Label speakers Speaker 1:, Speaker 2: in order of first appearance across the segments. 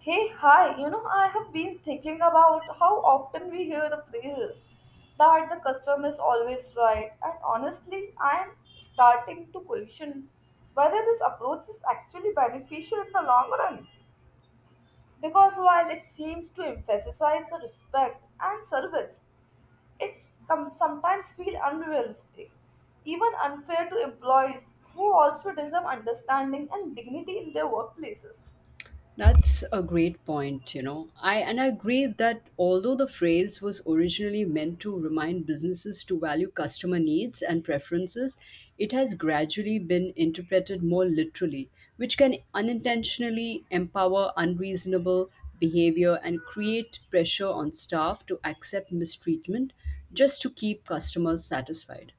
Speaker 1: Hey, hi, you know, I have been thinking about how often we hear the phrases that the customer is always right, and honestly, I am starting to question whether this approach is actually beneficial in the long run. Because while it seems to emphasize the respect and service, it sometimes feels unrealistic, even unfair to employees who also deserve understanding and dignity in their workplaces.
Speaker 2: That's a great point, you know. I agree that although the phrase was originally meant to remind businesses to value customer needs and preferences, it has gradually been interpreted more literally, which can unintentionally empower unreasonable behavior and create pressure on staff to accept mistreatment just to keep customers satisfied.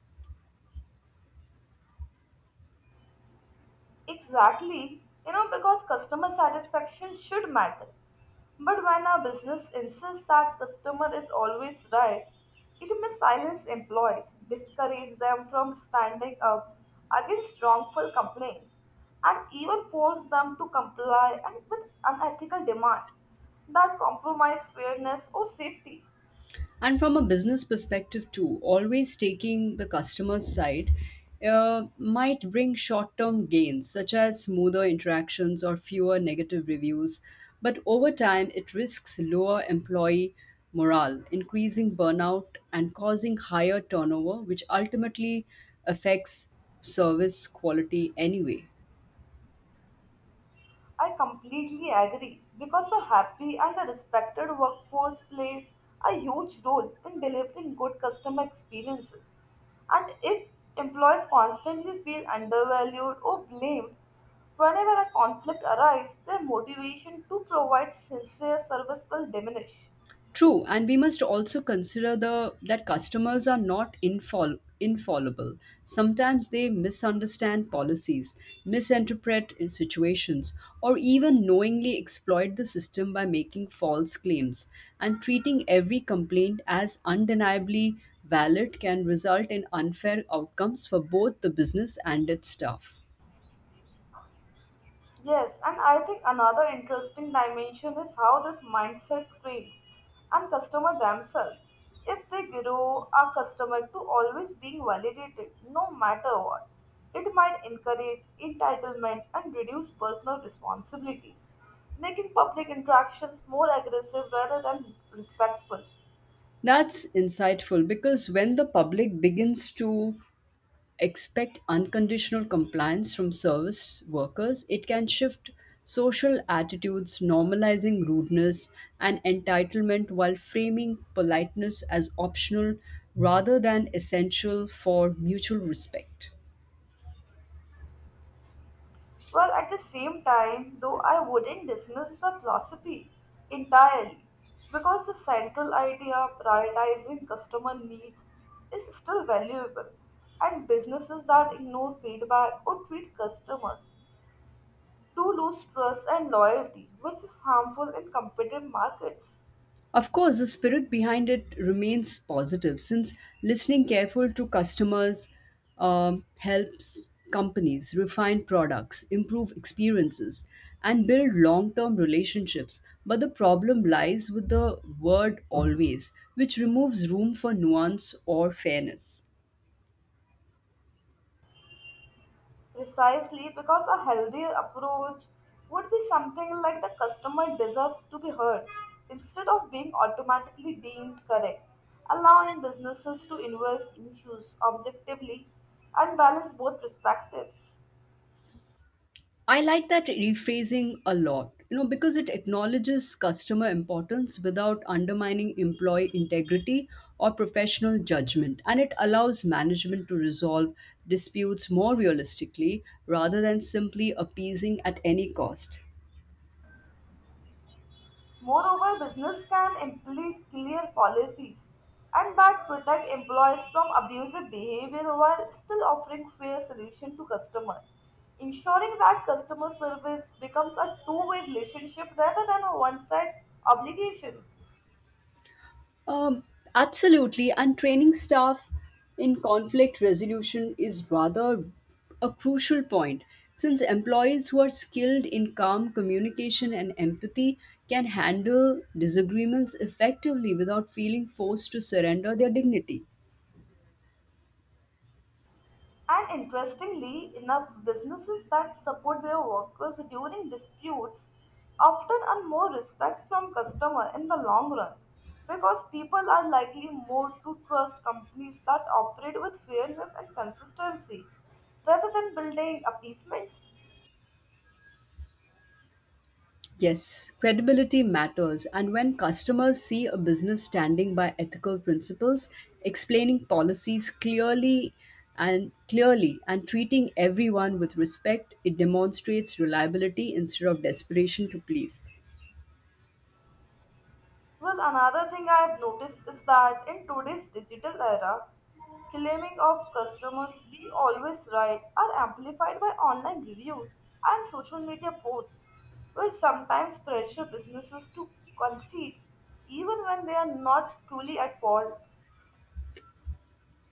Speaker 1: Exactly, because customer satisfaction should matter. But when a business insists that customer is always right, it may silence employees, discourage them from standing up against wrongful complaints, and even force them to comply and with unethical demand that compromise fairness or safety.
Speaker 2: And from a business perspective too, always taking the customer's side might bring short-term gains such as smoother interactions or fewer negative reviews, but over time it risks lower employee morale, increasing burnout and causing higher turnover, which ultimately affects service quality anyway.
Speaker 1: I completely agree because a happy and a respected workforce play a huge role in delivering good customer experiences. And if employees constantly feel undervalued or blamed whenever a conflict arises, their motivation to provide sincere service will diminish.
Speaker 2: True, and we must also consider the that customers are not infallible. Sometimes they misunderstand policies, misinterpret in situations, or even knowingly exploit the system by making false claims. And treating every complaint as undeniably valid can result in unfair outcomes for both the business and its staff.
Speaker 1: Yes, and I think another interesting dimension is how this mindset trains and customer themselves. If they grow a customer to always being validated no matter what, it might encourage entitlement and reduce personal responsibilities, making public interactions more aggressive rather than respectful.
Speaker 2: That's insightful because when the public begins to expect unconditional compliance from service workers, it can shift social attitudes, normalizing rudeness and entitlement while framing politeness as optional rather than essential for mutual respect.
Speaker 1: Well, at the same time, though, I wouldn't dismiss the philosophy entirely because the central idea of prioritizing customer needs is still valuable, and businesses that ignore feedback or treat customers do lose trust and loyalty, which is harmful in competitive markets.
Speaker 2: Of course, the spirit behind it remains positive, since listening careful to customers helps companies refine products, improve experiences, and build long term relationships. But the problem lies with the word always, which removes room for nuance or fairness.
Speaker 1: Precisely because a healthy approach would be something like the customer deserves to be heard instead of being automatically deemed correct, allowing businesses to invest issues objectively and balance both perspectives.
Speaker 2: I like that rephrasing a lot, you know, because it acknowledges customer importance without undermining employee integrity or professional judgment. And it allows management to resolve disputes more realistically rather than simply appeasing at any cost.
Speaker 1: Moreover, business can implement clear policies and that protect employees from abusive behavior while still offering fair solution to customers, ensuring that customer service becomes a two-way relationship rather than a one-side obligation.
Speaker 2: Um, Absolutely. And training staff in conflict resolution is rather a crucial point, since employees who are skilled in calm communication and empathy can handle disagreements effectively without feeling forced to surrender their dignity.
Speaker 1: And interestingly enough, businesses that support their workers during disputes often earn more respect from customer in the long run because people are likely more to trust companies that operate with fairness and consistency rather than building appeasements.
Speaker 2: Yes, credibility matters, and when customers see a business standing by ethical principles, explaining policies clearly and treating everyone with respect, it demonstrates reliability instead of desperation to please.
Speaker 1: Well, another thing I have noticed is that in today's digital era, claiming of customers be always right are amplified by online reviews and social media posts, which sometimes pressure businesses to concede even when they are not truly at fault.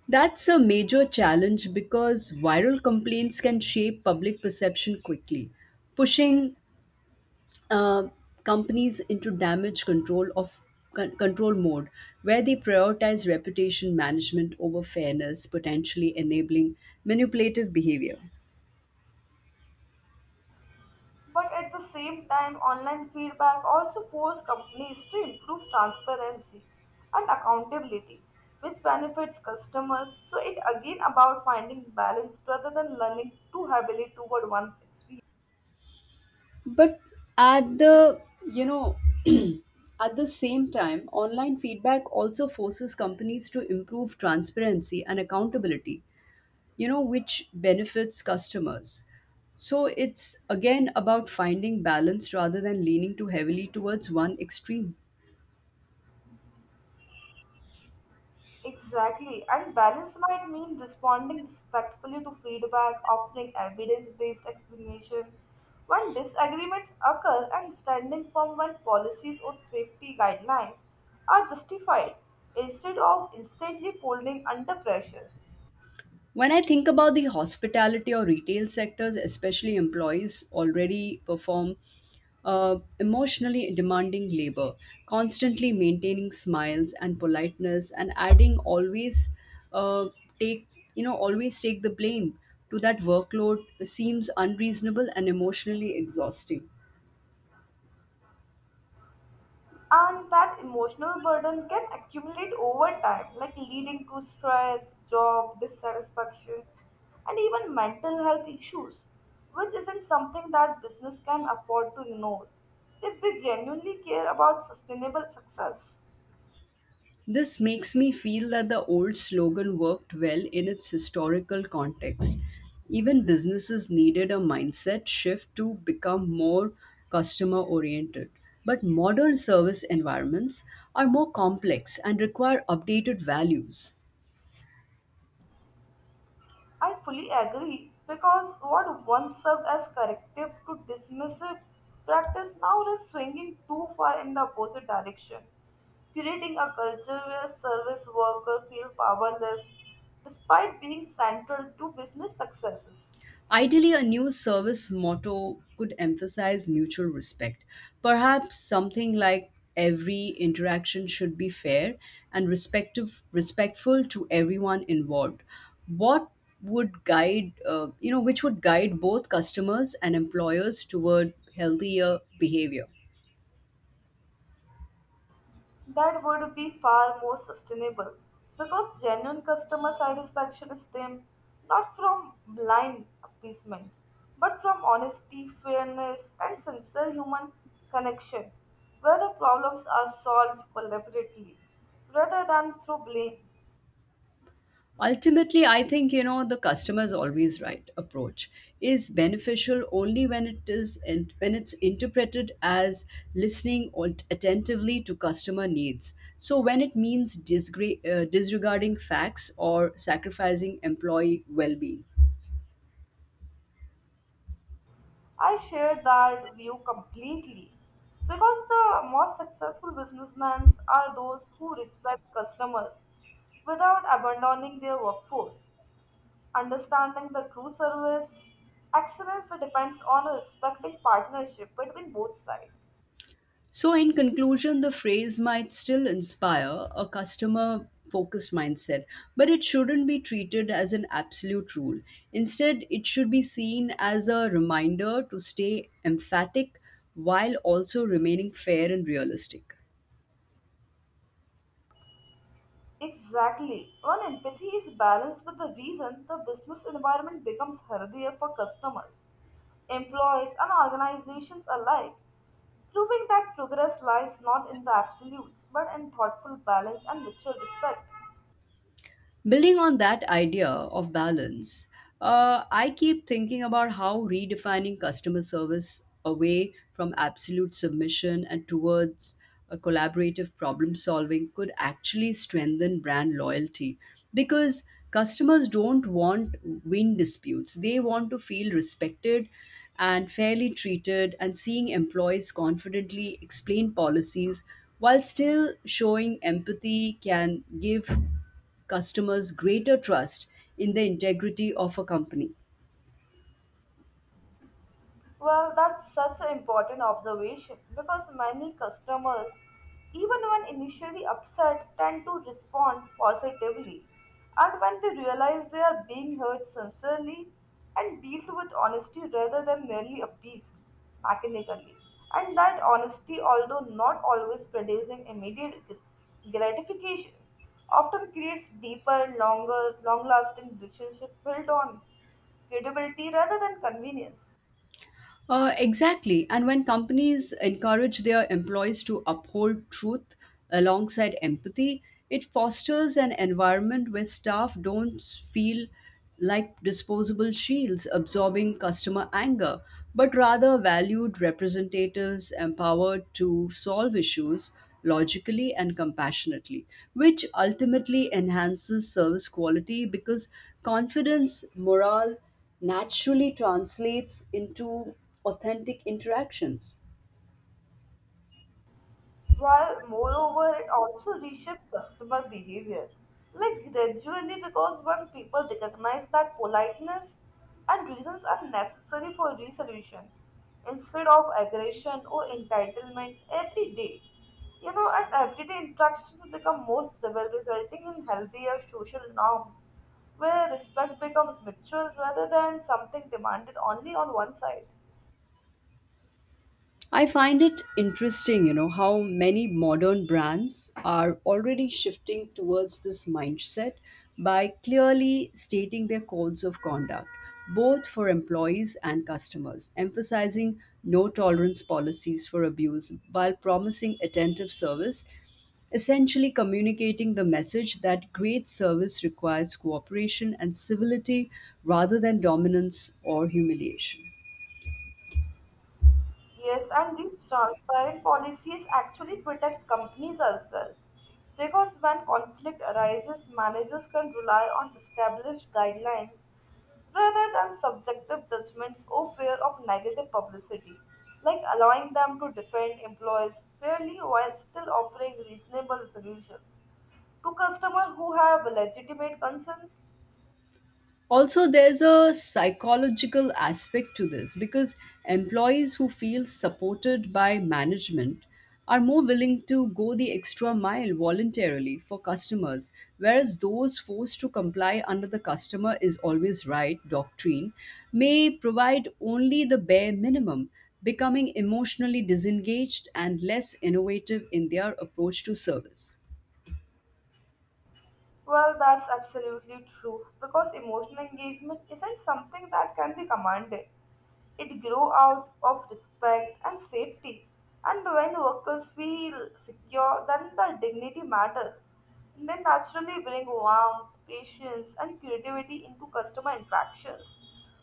Speaker 2: That's a major challenge because viral complaints can shape public perception quickly, pushing uh, companies into damage control of control mode where they prioritize reputation management over fairness, potentially enabling manipulative behavior.
Speaker 1: But at the same time, online feedback also forces companies to improve transparency and accountability, which benefits customers. So it again about finding balance rather than learning too heavily toward one's experience.
Speaker 2: But at the you know at the same time, online feedback also forces companies to improve transparency and accountability, you know, which benefits customers. So it's again about finding balance rather than leaning too heavily towards one extreme.
Speaker 1: Exactly, and balance might mean responding respectfully to feedback, offering evidence based explanation when disagreements occur, and standing firm when policies or safety guidelines are justified instead of instantly folding under pressure.
Speaker 2: When I think about the hospitality or retail sectors, especially employees already perform emotionally demanding labor, constantly maintaining smiles and politeness, and adding always uh, take you know always take the blame to that workload seems unreasonable and emotionally exhausting.
Speaker 1: And that emotional burden can accumulate over time like leading to stress job dissatisfaction and even mental health issues which isn't something that business can afford to ignore if they genuinely care about sustainable success.
Speaker 2: This makes me feel that the old slogan worked well in its historical context. Even businesses needed a mindset shift to become more customer oriented. But modern service environments are more complex and require updated values.
Speaker 1: I fully agree because what once served as corrective to dismissive practice now is swinging too far in the opposite direction, creating a culture where service workers feel powerless despite being central to business successes.
Speaker 2: Ideally, a new service motto could emphasize mutual respect. Perhaps something like every interaction should be fair and respectful to everyone involved. What would guide, you know, which would guide both customers and employers toward healthier behavior?
Speaker 1: That would be far more sustainable because genuine customer satisfaction stems not from blind appeasements but from honesty, fairness, and sincere human connection where the problems are solved collaboratively rather than through blame.
Speaker 2: Ultimately, I think, you know, the customer's always right approach is beneficial only when it is and when it's interpreted as listening or attentively to customer needs. So when it means disregarding facts or sacrificing employee well-being.
Speaker 1: I share that view completely because the most successful businessmen are those who respect customers without abandoning their workforce. Understanding the true service excellence depends on a respecting partnership between both sides.
Speaker 2: So, in conclusion, the phrase might still inspire a customer focused mindset, but it shouldn't be treated as an absolute rule. Instead, it should be seen as a reminder to stay emphatic while also remaining fair and realistic.
Speaker 1: Exactly. When empathy is balanced with the reason, the business environment becomes healthier for customers, employees, and organizations alike, proving that progress lies not in the absolutes but in thoughtful balance and mutual respect.
Speaker 2: Building on that idea of balance, I keep thinking about how redefining customer service away from absolute submission and towards a collaborative problem solving could actually strengthen brand loyalty, because customers don't want win disputes. They want to feel respected and fairly treated, and seeing employees confidently explain policies while still showing empathy can give customers greater trust in the integrity of a company.
Speaker 1: Well, that's such an important observation because many customers, even when initially upset, tend to respond positively. And when they realize they are being heard sincerely and dealt with honesty rather than merely appeased mechanically. And that honesty, although not always producing immediate gratification, often creates deeper, longer, long lasting relationships built on credibility rather than convenience.
Speaker 2: Exactly. And when companies encourage their employees to uphold truth alongside empathy, it fosters an environment where staff don't feel like disposable shields absorbing customer anger, but rather valued representatives empowered to solve issues logically and compassionately, which ultimately enhances service quality, because confidence, morale, naturally translates into authentic interactions.
Speaker 1: While moreover, it also reshaped customer behavior. Like gradually, because when people recognize that politeness and reasons are necessary for resolution instead of aggression or entitlement every day, and everyday interactions become more civil, resulting in healthier social norms where respect becomes mutual rather than something demanded only on one side.
Speaker 2: I find it interesting, you know, how many modern brands are already shifting towards this mindset by clearly stating their codes of conduct, both for employees and customers, emphasizing no tolerance policies for abuse while promising attentive service, essentially communicating the message that great service requires cooperation and civility rather than dominance or humiliation.
Speaker 1: Yes, and these transparent policies actually protect companies as well. Because when conflict arises, managers can rely on established guidelines rather than subjective judgments or fear of negative publicity, like allowing them to defend employees fairly while still offering reasonable solutions to customers who have legitimate concerns.
Speaker 2: Also there's a psychological aspect to this, because employees who feel supported by management are more willing to go the extra mile voluntarily for customers, whereas those forced to comply under the customer is always right doctrine may provide only the bare minimum, becoming emotionally disengaged and less innovative in their approach to service.
Speaker 1: Well, that's absolutely true because emotional engagement isn't something that can be commanded. It grows out of respect and safety. And when workers feel secure, then their dignity matters. They naturally bring warmth, patience, and creativity into customer interactions,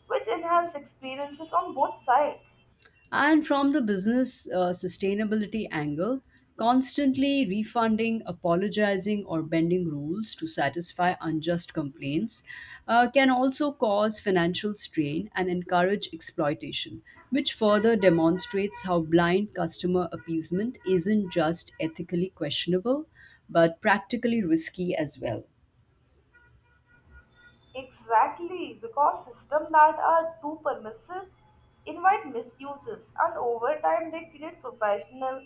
Speaker 1: which enhance experiences on both sides.
Speaker 2: And from the business sustainability angle, constantly refunding, apologizing, or bending rules to satisfy unjust complaints can also cause financial strain and encourage exploitation, which further demonstrates how blind customer appeasement isn't just ethically questionable but practically risky as well.
Speaker 1: Exactly, because systems that are too permissive invite misuses, and over time they create professional,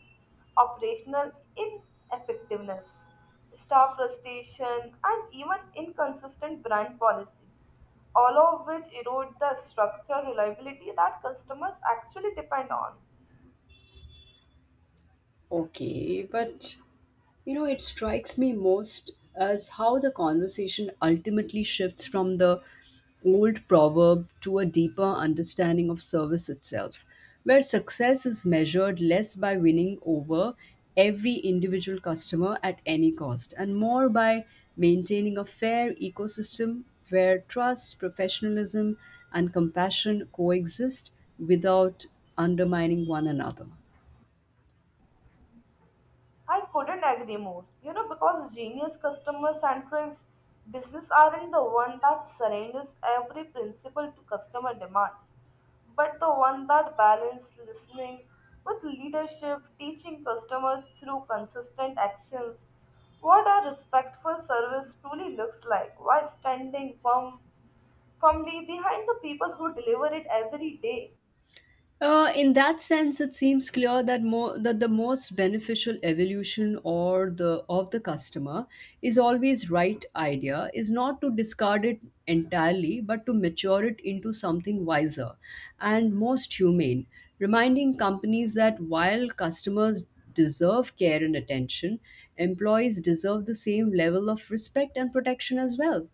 Speaker 1: operational ineffectiveness, staff frustration, and even inconsistent brand policies, all of which erode the structure reliability that customers actually depend on.
Speaker 2: Okay, but you know, it strikes me most as how the conversation ultimately shifts from the old proverb to a deeper understanding of service itself, where success is measured less by winning over every individual customer at any cost and more by maintaining a fair ecosystem where trust, professionalism, and compassion coexist without undermining one another.
Speaker 1: I couldn't agree more. You know, because genius customer centric business aren't the one that surrenders every principle to customer demands, but the one that balance listening with leadership, teaching customers through consistent actions what a respectful service truly looks like while firmly behind the people who deliver it every day.
Speaker 2: In that sense, it seems clear that more that the most beneficial evolution or the of the customer is always right idea is not to discard it entirely, but to mature it into something wiser and most humane, reminding companies that while customers deserve care and attention, employees deserve the same level of respect and protection as well.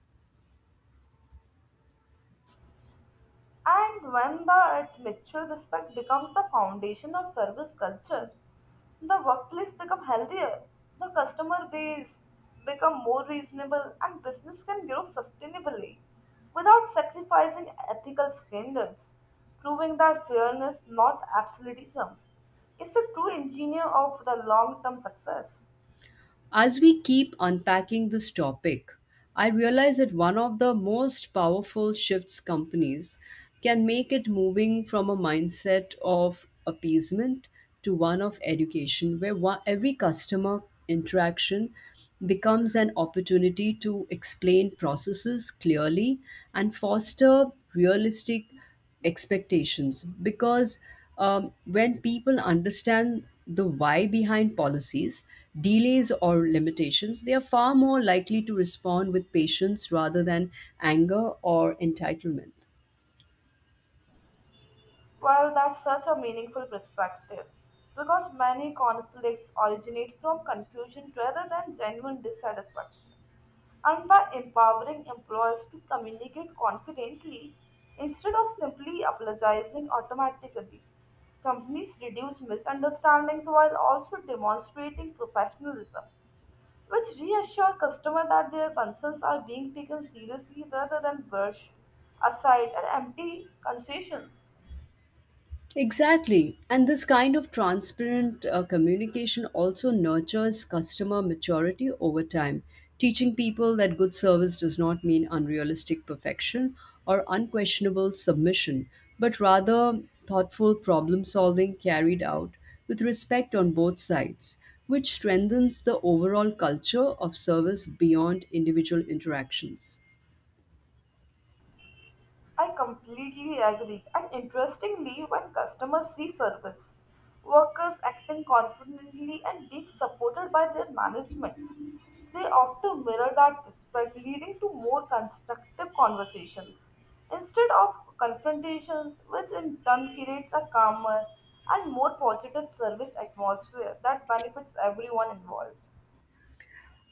Speaker 1: And when the mutual respect becomes the foundation of service culture, the workplace become healthier, the customer base become more reasonable, and business can grow sustainably without sacrificing ethical standards, proving that fairness, not absolutism, is the true engineer of the long-term success.
Speaker 2: As we keep unpacking this topic, I realize that one of the most powerful shifts companies can make it moving from a mindset of appeasement to one of education, where one, every customer interaction becomes an opportunity to explain processes clearly and foster realistic expectations, because when people understand the why behind policies, delays, or limitations, they are far more likely to respond with patience rather than anger or entitlement.
Speaker 1: Well, that's such a meaningful perspective because many conflicts originate from confusion rather than genuine dissatisfaction. And by empowering employees to communicate confidently instead of simply apologizing automatically, companies reduce misunderstandings while also demonstrating professionalism, which reassure customers that their concerns are being taken seriously rather than brushed aside and empty concessions.
Speaker 2: Exactly. And this kind of transparent communication also nurtures customer maturity over time, teaching people that good service does not mean unrealistic perfection or unquestionable submission, but rather thoughtful problem solving carried out with respect on both sides, which strengthens the overall culture of service beyond individual interactions.
Speaker 1: I completely agree. And interestingly, when customers see service workers acting confidently and being supported by their management, they often mirror that respect, leading to more constructive conversations instead of confrontations, which in turn creates a calmer and more positive service atmosphere that benefits everyone involved.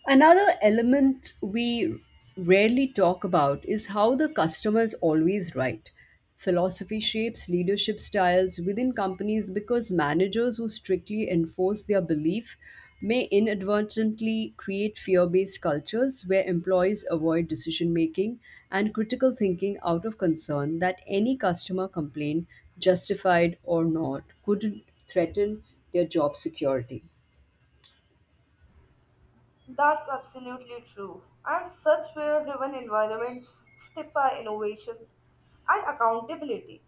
Speaker 2: Another element we rarely talk about is how the customer is always right. Philosophy shapes leadership styles within companies, because managers who strictly enforce their belief may inadvertently create fear based cultures where employees avoid decision making and critical thinking out of concern that any customer complaint, justified or not, could threaten their job security.
Speaker 1: That's absolutely true. And such fear driven environments stifle innovations and accountability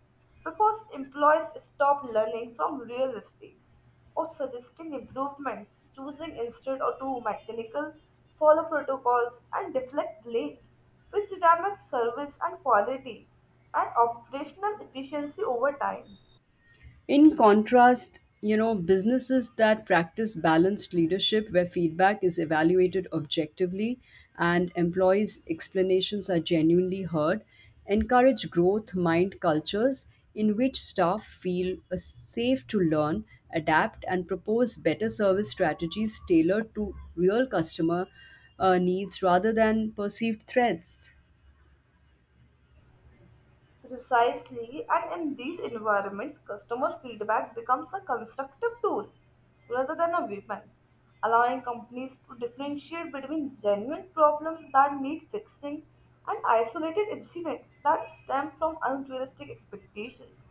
Speaker 1: because employees stop learning from real mistakes or suggesting improvements, choosing instead or to mechanical, follow protocols, and deflect blame, which damages service and quality and operational efficiency over time.
Speaker 2: In contrast, you know, businesses that practice balanced leadership where feedback is evaluated objectively and employees' explanations are genuinely heard encourage growth mind cultures in which staff feel safe to learn, adapt, and propose better service strategies tailored to real customer needs rather than perceived threats.
Speaker 1: Precisely, and in these environments, customer feedback becomes a constructive tool rather than a weapon, allowing companies to differentiate between genuine problems that need fixing and isolated incidents that stem from unrealistic expectations,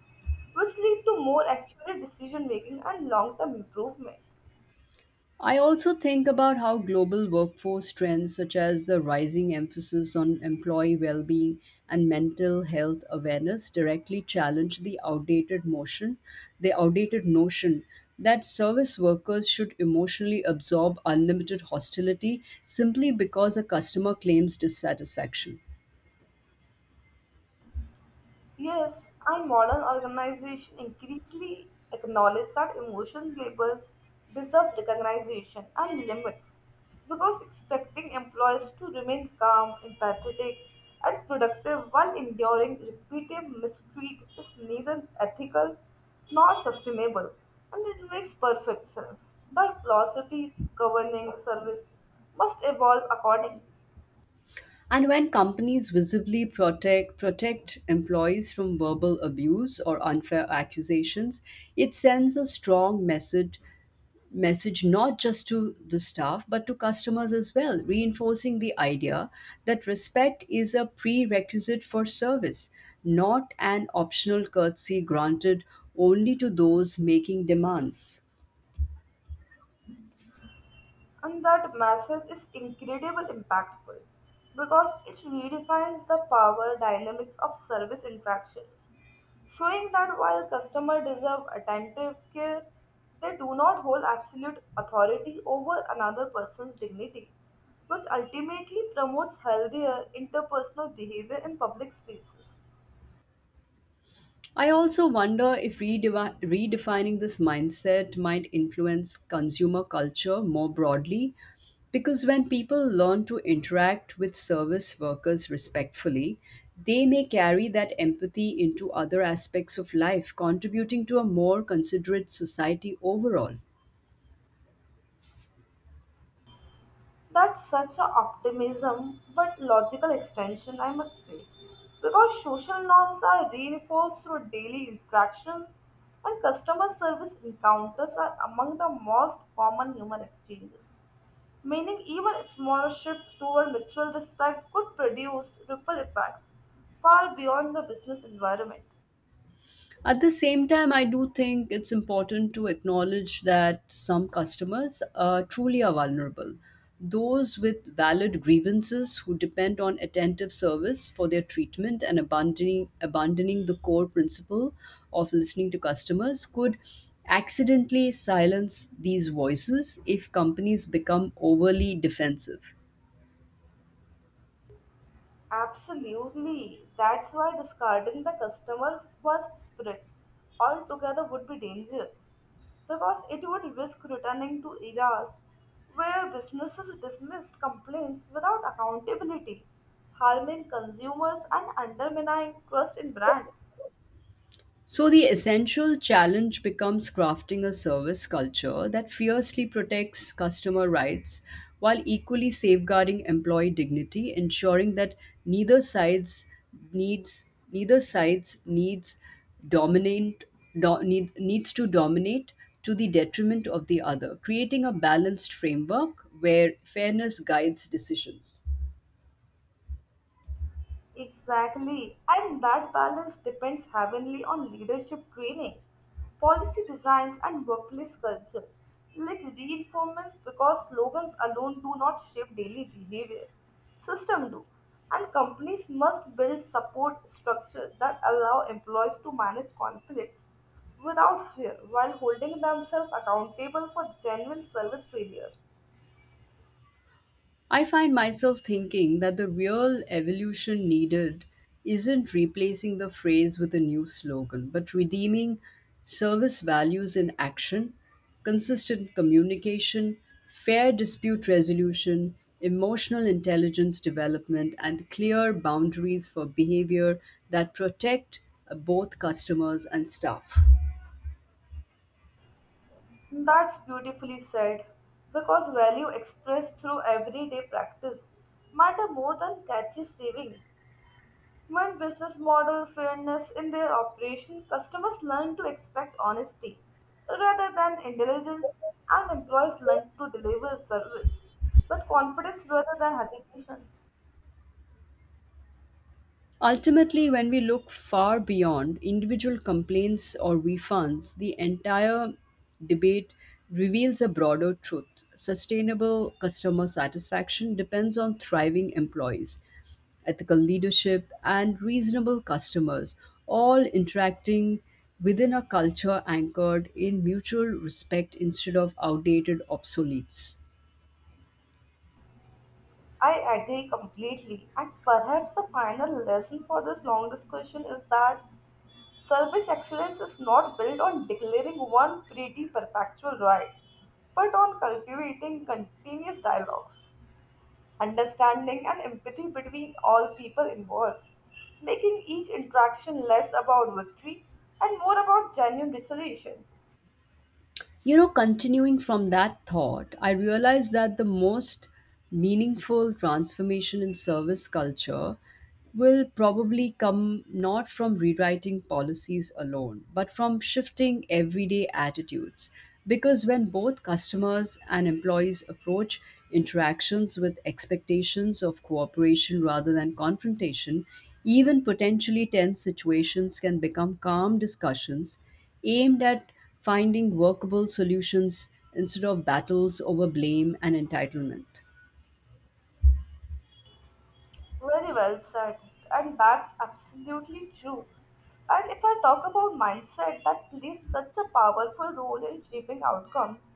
Speaker 1: which lead to more accurate decision making and long term improvement.
Speaker 2: I also think about how global workforce trends, such as the rising emphasis on employee well being and mental health awareness, directly challenge the outdated notion that service workers should emotionally absorb unlimited hostility simply because a customer claims dissatisfaction.
Speaker 1: Yes, and modern organizations increasingly acknowledge that emotional labor deserve recognition and limits because expecting employees to remain calm, empathetic, and productive while enduring repetitive mistreat is neither ethical nor sustainable, and it makes perfect sense that philosophies governing service must evolve accordingly.
Speaker 2: And when companies visibly protect employees from verbal abuse or unfair accusations, it sends a strong message not just to the staff but to customers as well, reinforcing the idea that respect is a prerequisite for service, not an optional courtesy granted only to those making demands.
Speaker 1: And that message is incredibly impactful because it redefines the power dynamics of service interactions, showing that while customers deserve attentive care, they do not hold absolute authority over another person's dignity, which ultimately promotes healthier interpersonal behavior in public spaces.
Speaker 2: I also wonder if redefining this mindset might influence consumer culture more broadly. Because when people learn to interact with service workers respectfully, they may carry that empathy into other aspects of life, contributing to a more considerate society overall.
Speaker 1: That's such an optimism, but logical extension, I must say. Because social norms are reinforced through daily interactions, and customer service encounters are among the most common human exchanges. Meaning, even small shifts toward mutual respect could produce ripple effects far beyond the business environment.
Speaker 2: At the same time, I do think it's important to acknowledge that some customers truly are vulnerable. Those with valid grievances who depend on attentive service for their treatment, and abandoning the core principle of listening to customers could accidentally silence these voices if companies become overly defensive.
Speaker 1: Absolutely. That's why discarding the customer first spirit altogether would be dangerous because it would risk returning to eras where businesses dismissed complaints without accountability, harming consumers and undermining trust in brands.
Speaker 2: So, the essential challenge becomes crafting a service culture that fiercely protects customer rights while equally safeguarding employee dignity, ensuring that neither sides needs neither sides needs dominate do, need, needs to dominate to the detriment of the other, creating a balanced framework where fairness guides decisions.
Speaker 1: Exactly, and that balance depends heavily on leadership training, policy designs, and workplace culture. Like reinforcements, because slogans alone do not shape daily behavior, system do, and companies must build support structure that allow employees to manage conflicts without fear while holding themselves accountable for genuine service failure.
Speaker 2: I find myself thinking that the real evolution needed isn't replacing the phrase with a new slogan, but redeeming service values in action, consistent communication, fair dispute resolution, emotional intelligence development, and clear boundaries for behavior that protect both customers and staff.
Speaker 1: That's beautifully said, because value expressed through everyday practice matter more than catchy saving. When business model fairness in their operation, customers learn to expect honesty rather than intelligence, and employees learn to deliver service with confidence rather than hesitations.
Speaker 2: Ultimately, when we look far beyond individual complaints or refunds, the entire debate reveals a broader truth. Sustainable customer satisfaction depends on thriving employees, ethical leadership, and reasonable customers, all interacting within a culture anchored in mutual respect instead of outdated obsoletes.
Speaker 1: I agree completely, and perhaps the final lesson for this long discussion is that service excellence is not built on declaring one pretty perpetual right, but on cultivating continuous dialogues, understanding, and empathy between all people involved, making each interaction less about victory and more about genuine resolution.
Speaker 2: You know, continuing from that thought, I realized that the most meaningful transformation in service culture will probably come not from rewriting policies alone, but from shifting everyday attitudes. Because when both customers and employees approach interactions with expectations of cooperation rather than confrontation, even potentially tense situations can become calm discussions aimed at finding workable solutions instead of battles over blame and entitlement.
Speaker 1: Very well said, and that's absolutely true. And if I talk about mindset, that plays such a powerful role in shaping outcomes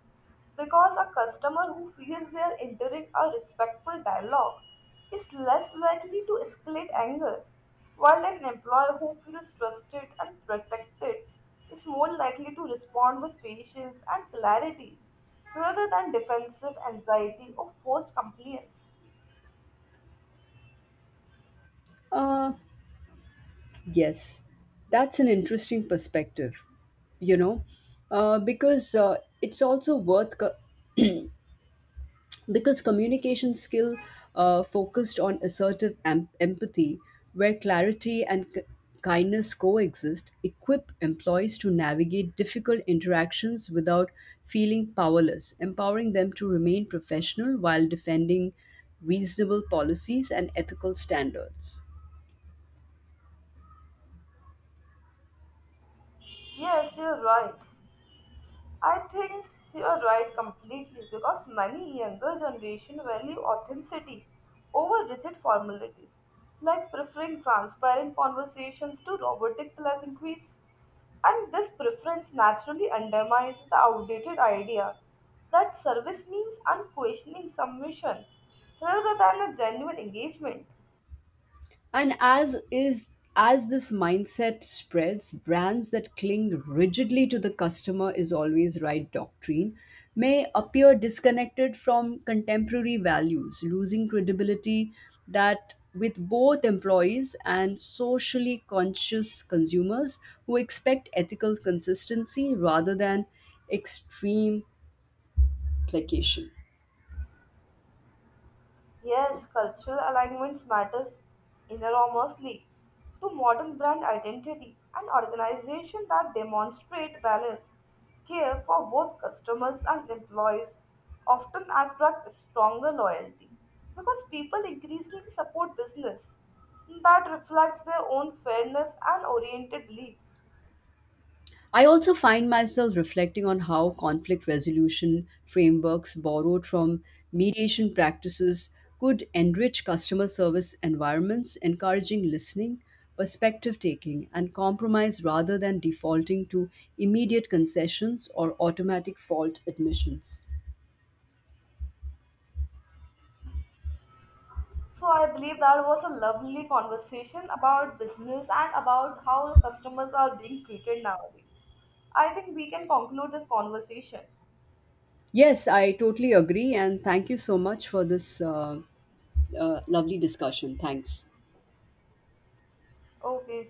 Speaker 1: because a customer who feels they are entering a respectful dialogue is less likely to escalate anger, while an employee who feels trusted and protected is more likely to respond with patience and clarity rather than defensive anxiety or forced compliance.
Speaker 2: Uh, yes, that's an interesting perspective, you know, because it's also worth co- because communication skill focused on assertive empathy, where clarity and kindness coexist, equip employees to navigate difficult interactions without feeling powerless, empowering them to remain professional while defending reasonable policies and ethical standards.
Speaker 1: Yes, you're right. I think you are right completely because many younger generation value authenticity over rigid formalities, like preferring transparent conversations to robotic pleasantries. And this preference naturally undermines the outdated idea that service means unquestioning submission rather than a genuine engagement.
Speaker 2: And as is as this mindset spreads, brands that cling rigidly to the customer is always right doctrine may appear disconnected from contemporary values, losing credibility that with both employees and socially conscious consumers who expect ethical consistency rather than extreme placation.
Speaker 1: Yes, cultural alignments matters enormously to modern brand identity and organization that demonstrate balance, care for both customers and employees often attract stronger loyalty because people increasingly support business that reflects their own fairness and oriented beliefs.
Speaker 2: I also find myself reflecting on how conflict resolution frameworks borrowed from mediation practices could enrich customer service environments, encouraging listening, perspective taking, and compromise rather than defaulting to immediate concessions or automatic fault admissions.
Speaker 1: So I believe that was a lovely conversation about business and about how customers are being treated nowadays. I think we can conclude this conversation.
Speaker 2: Yes, I totally agree, and thank you so much for this lovely discussion. Thanks.
Speaker 1: Okay.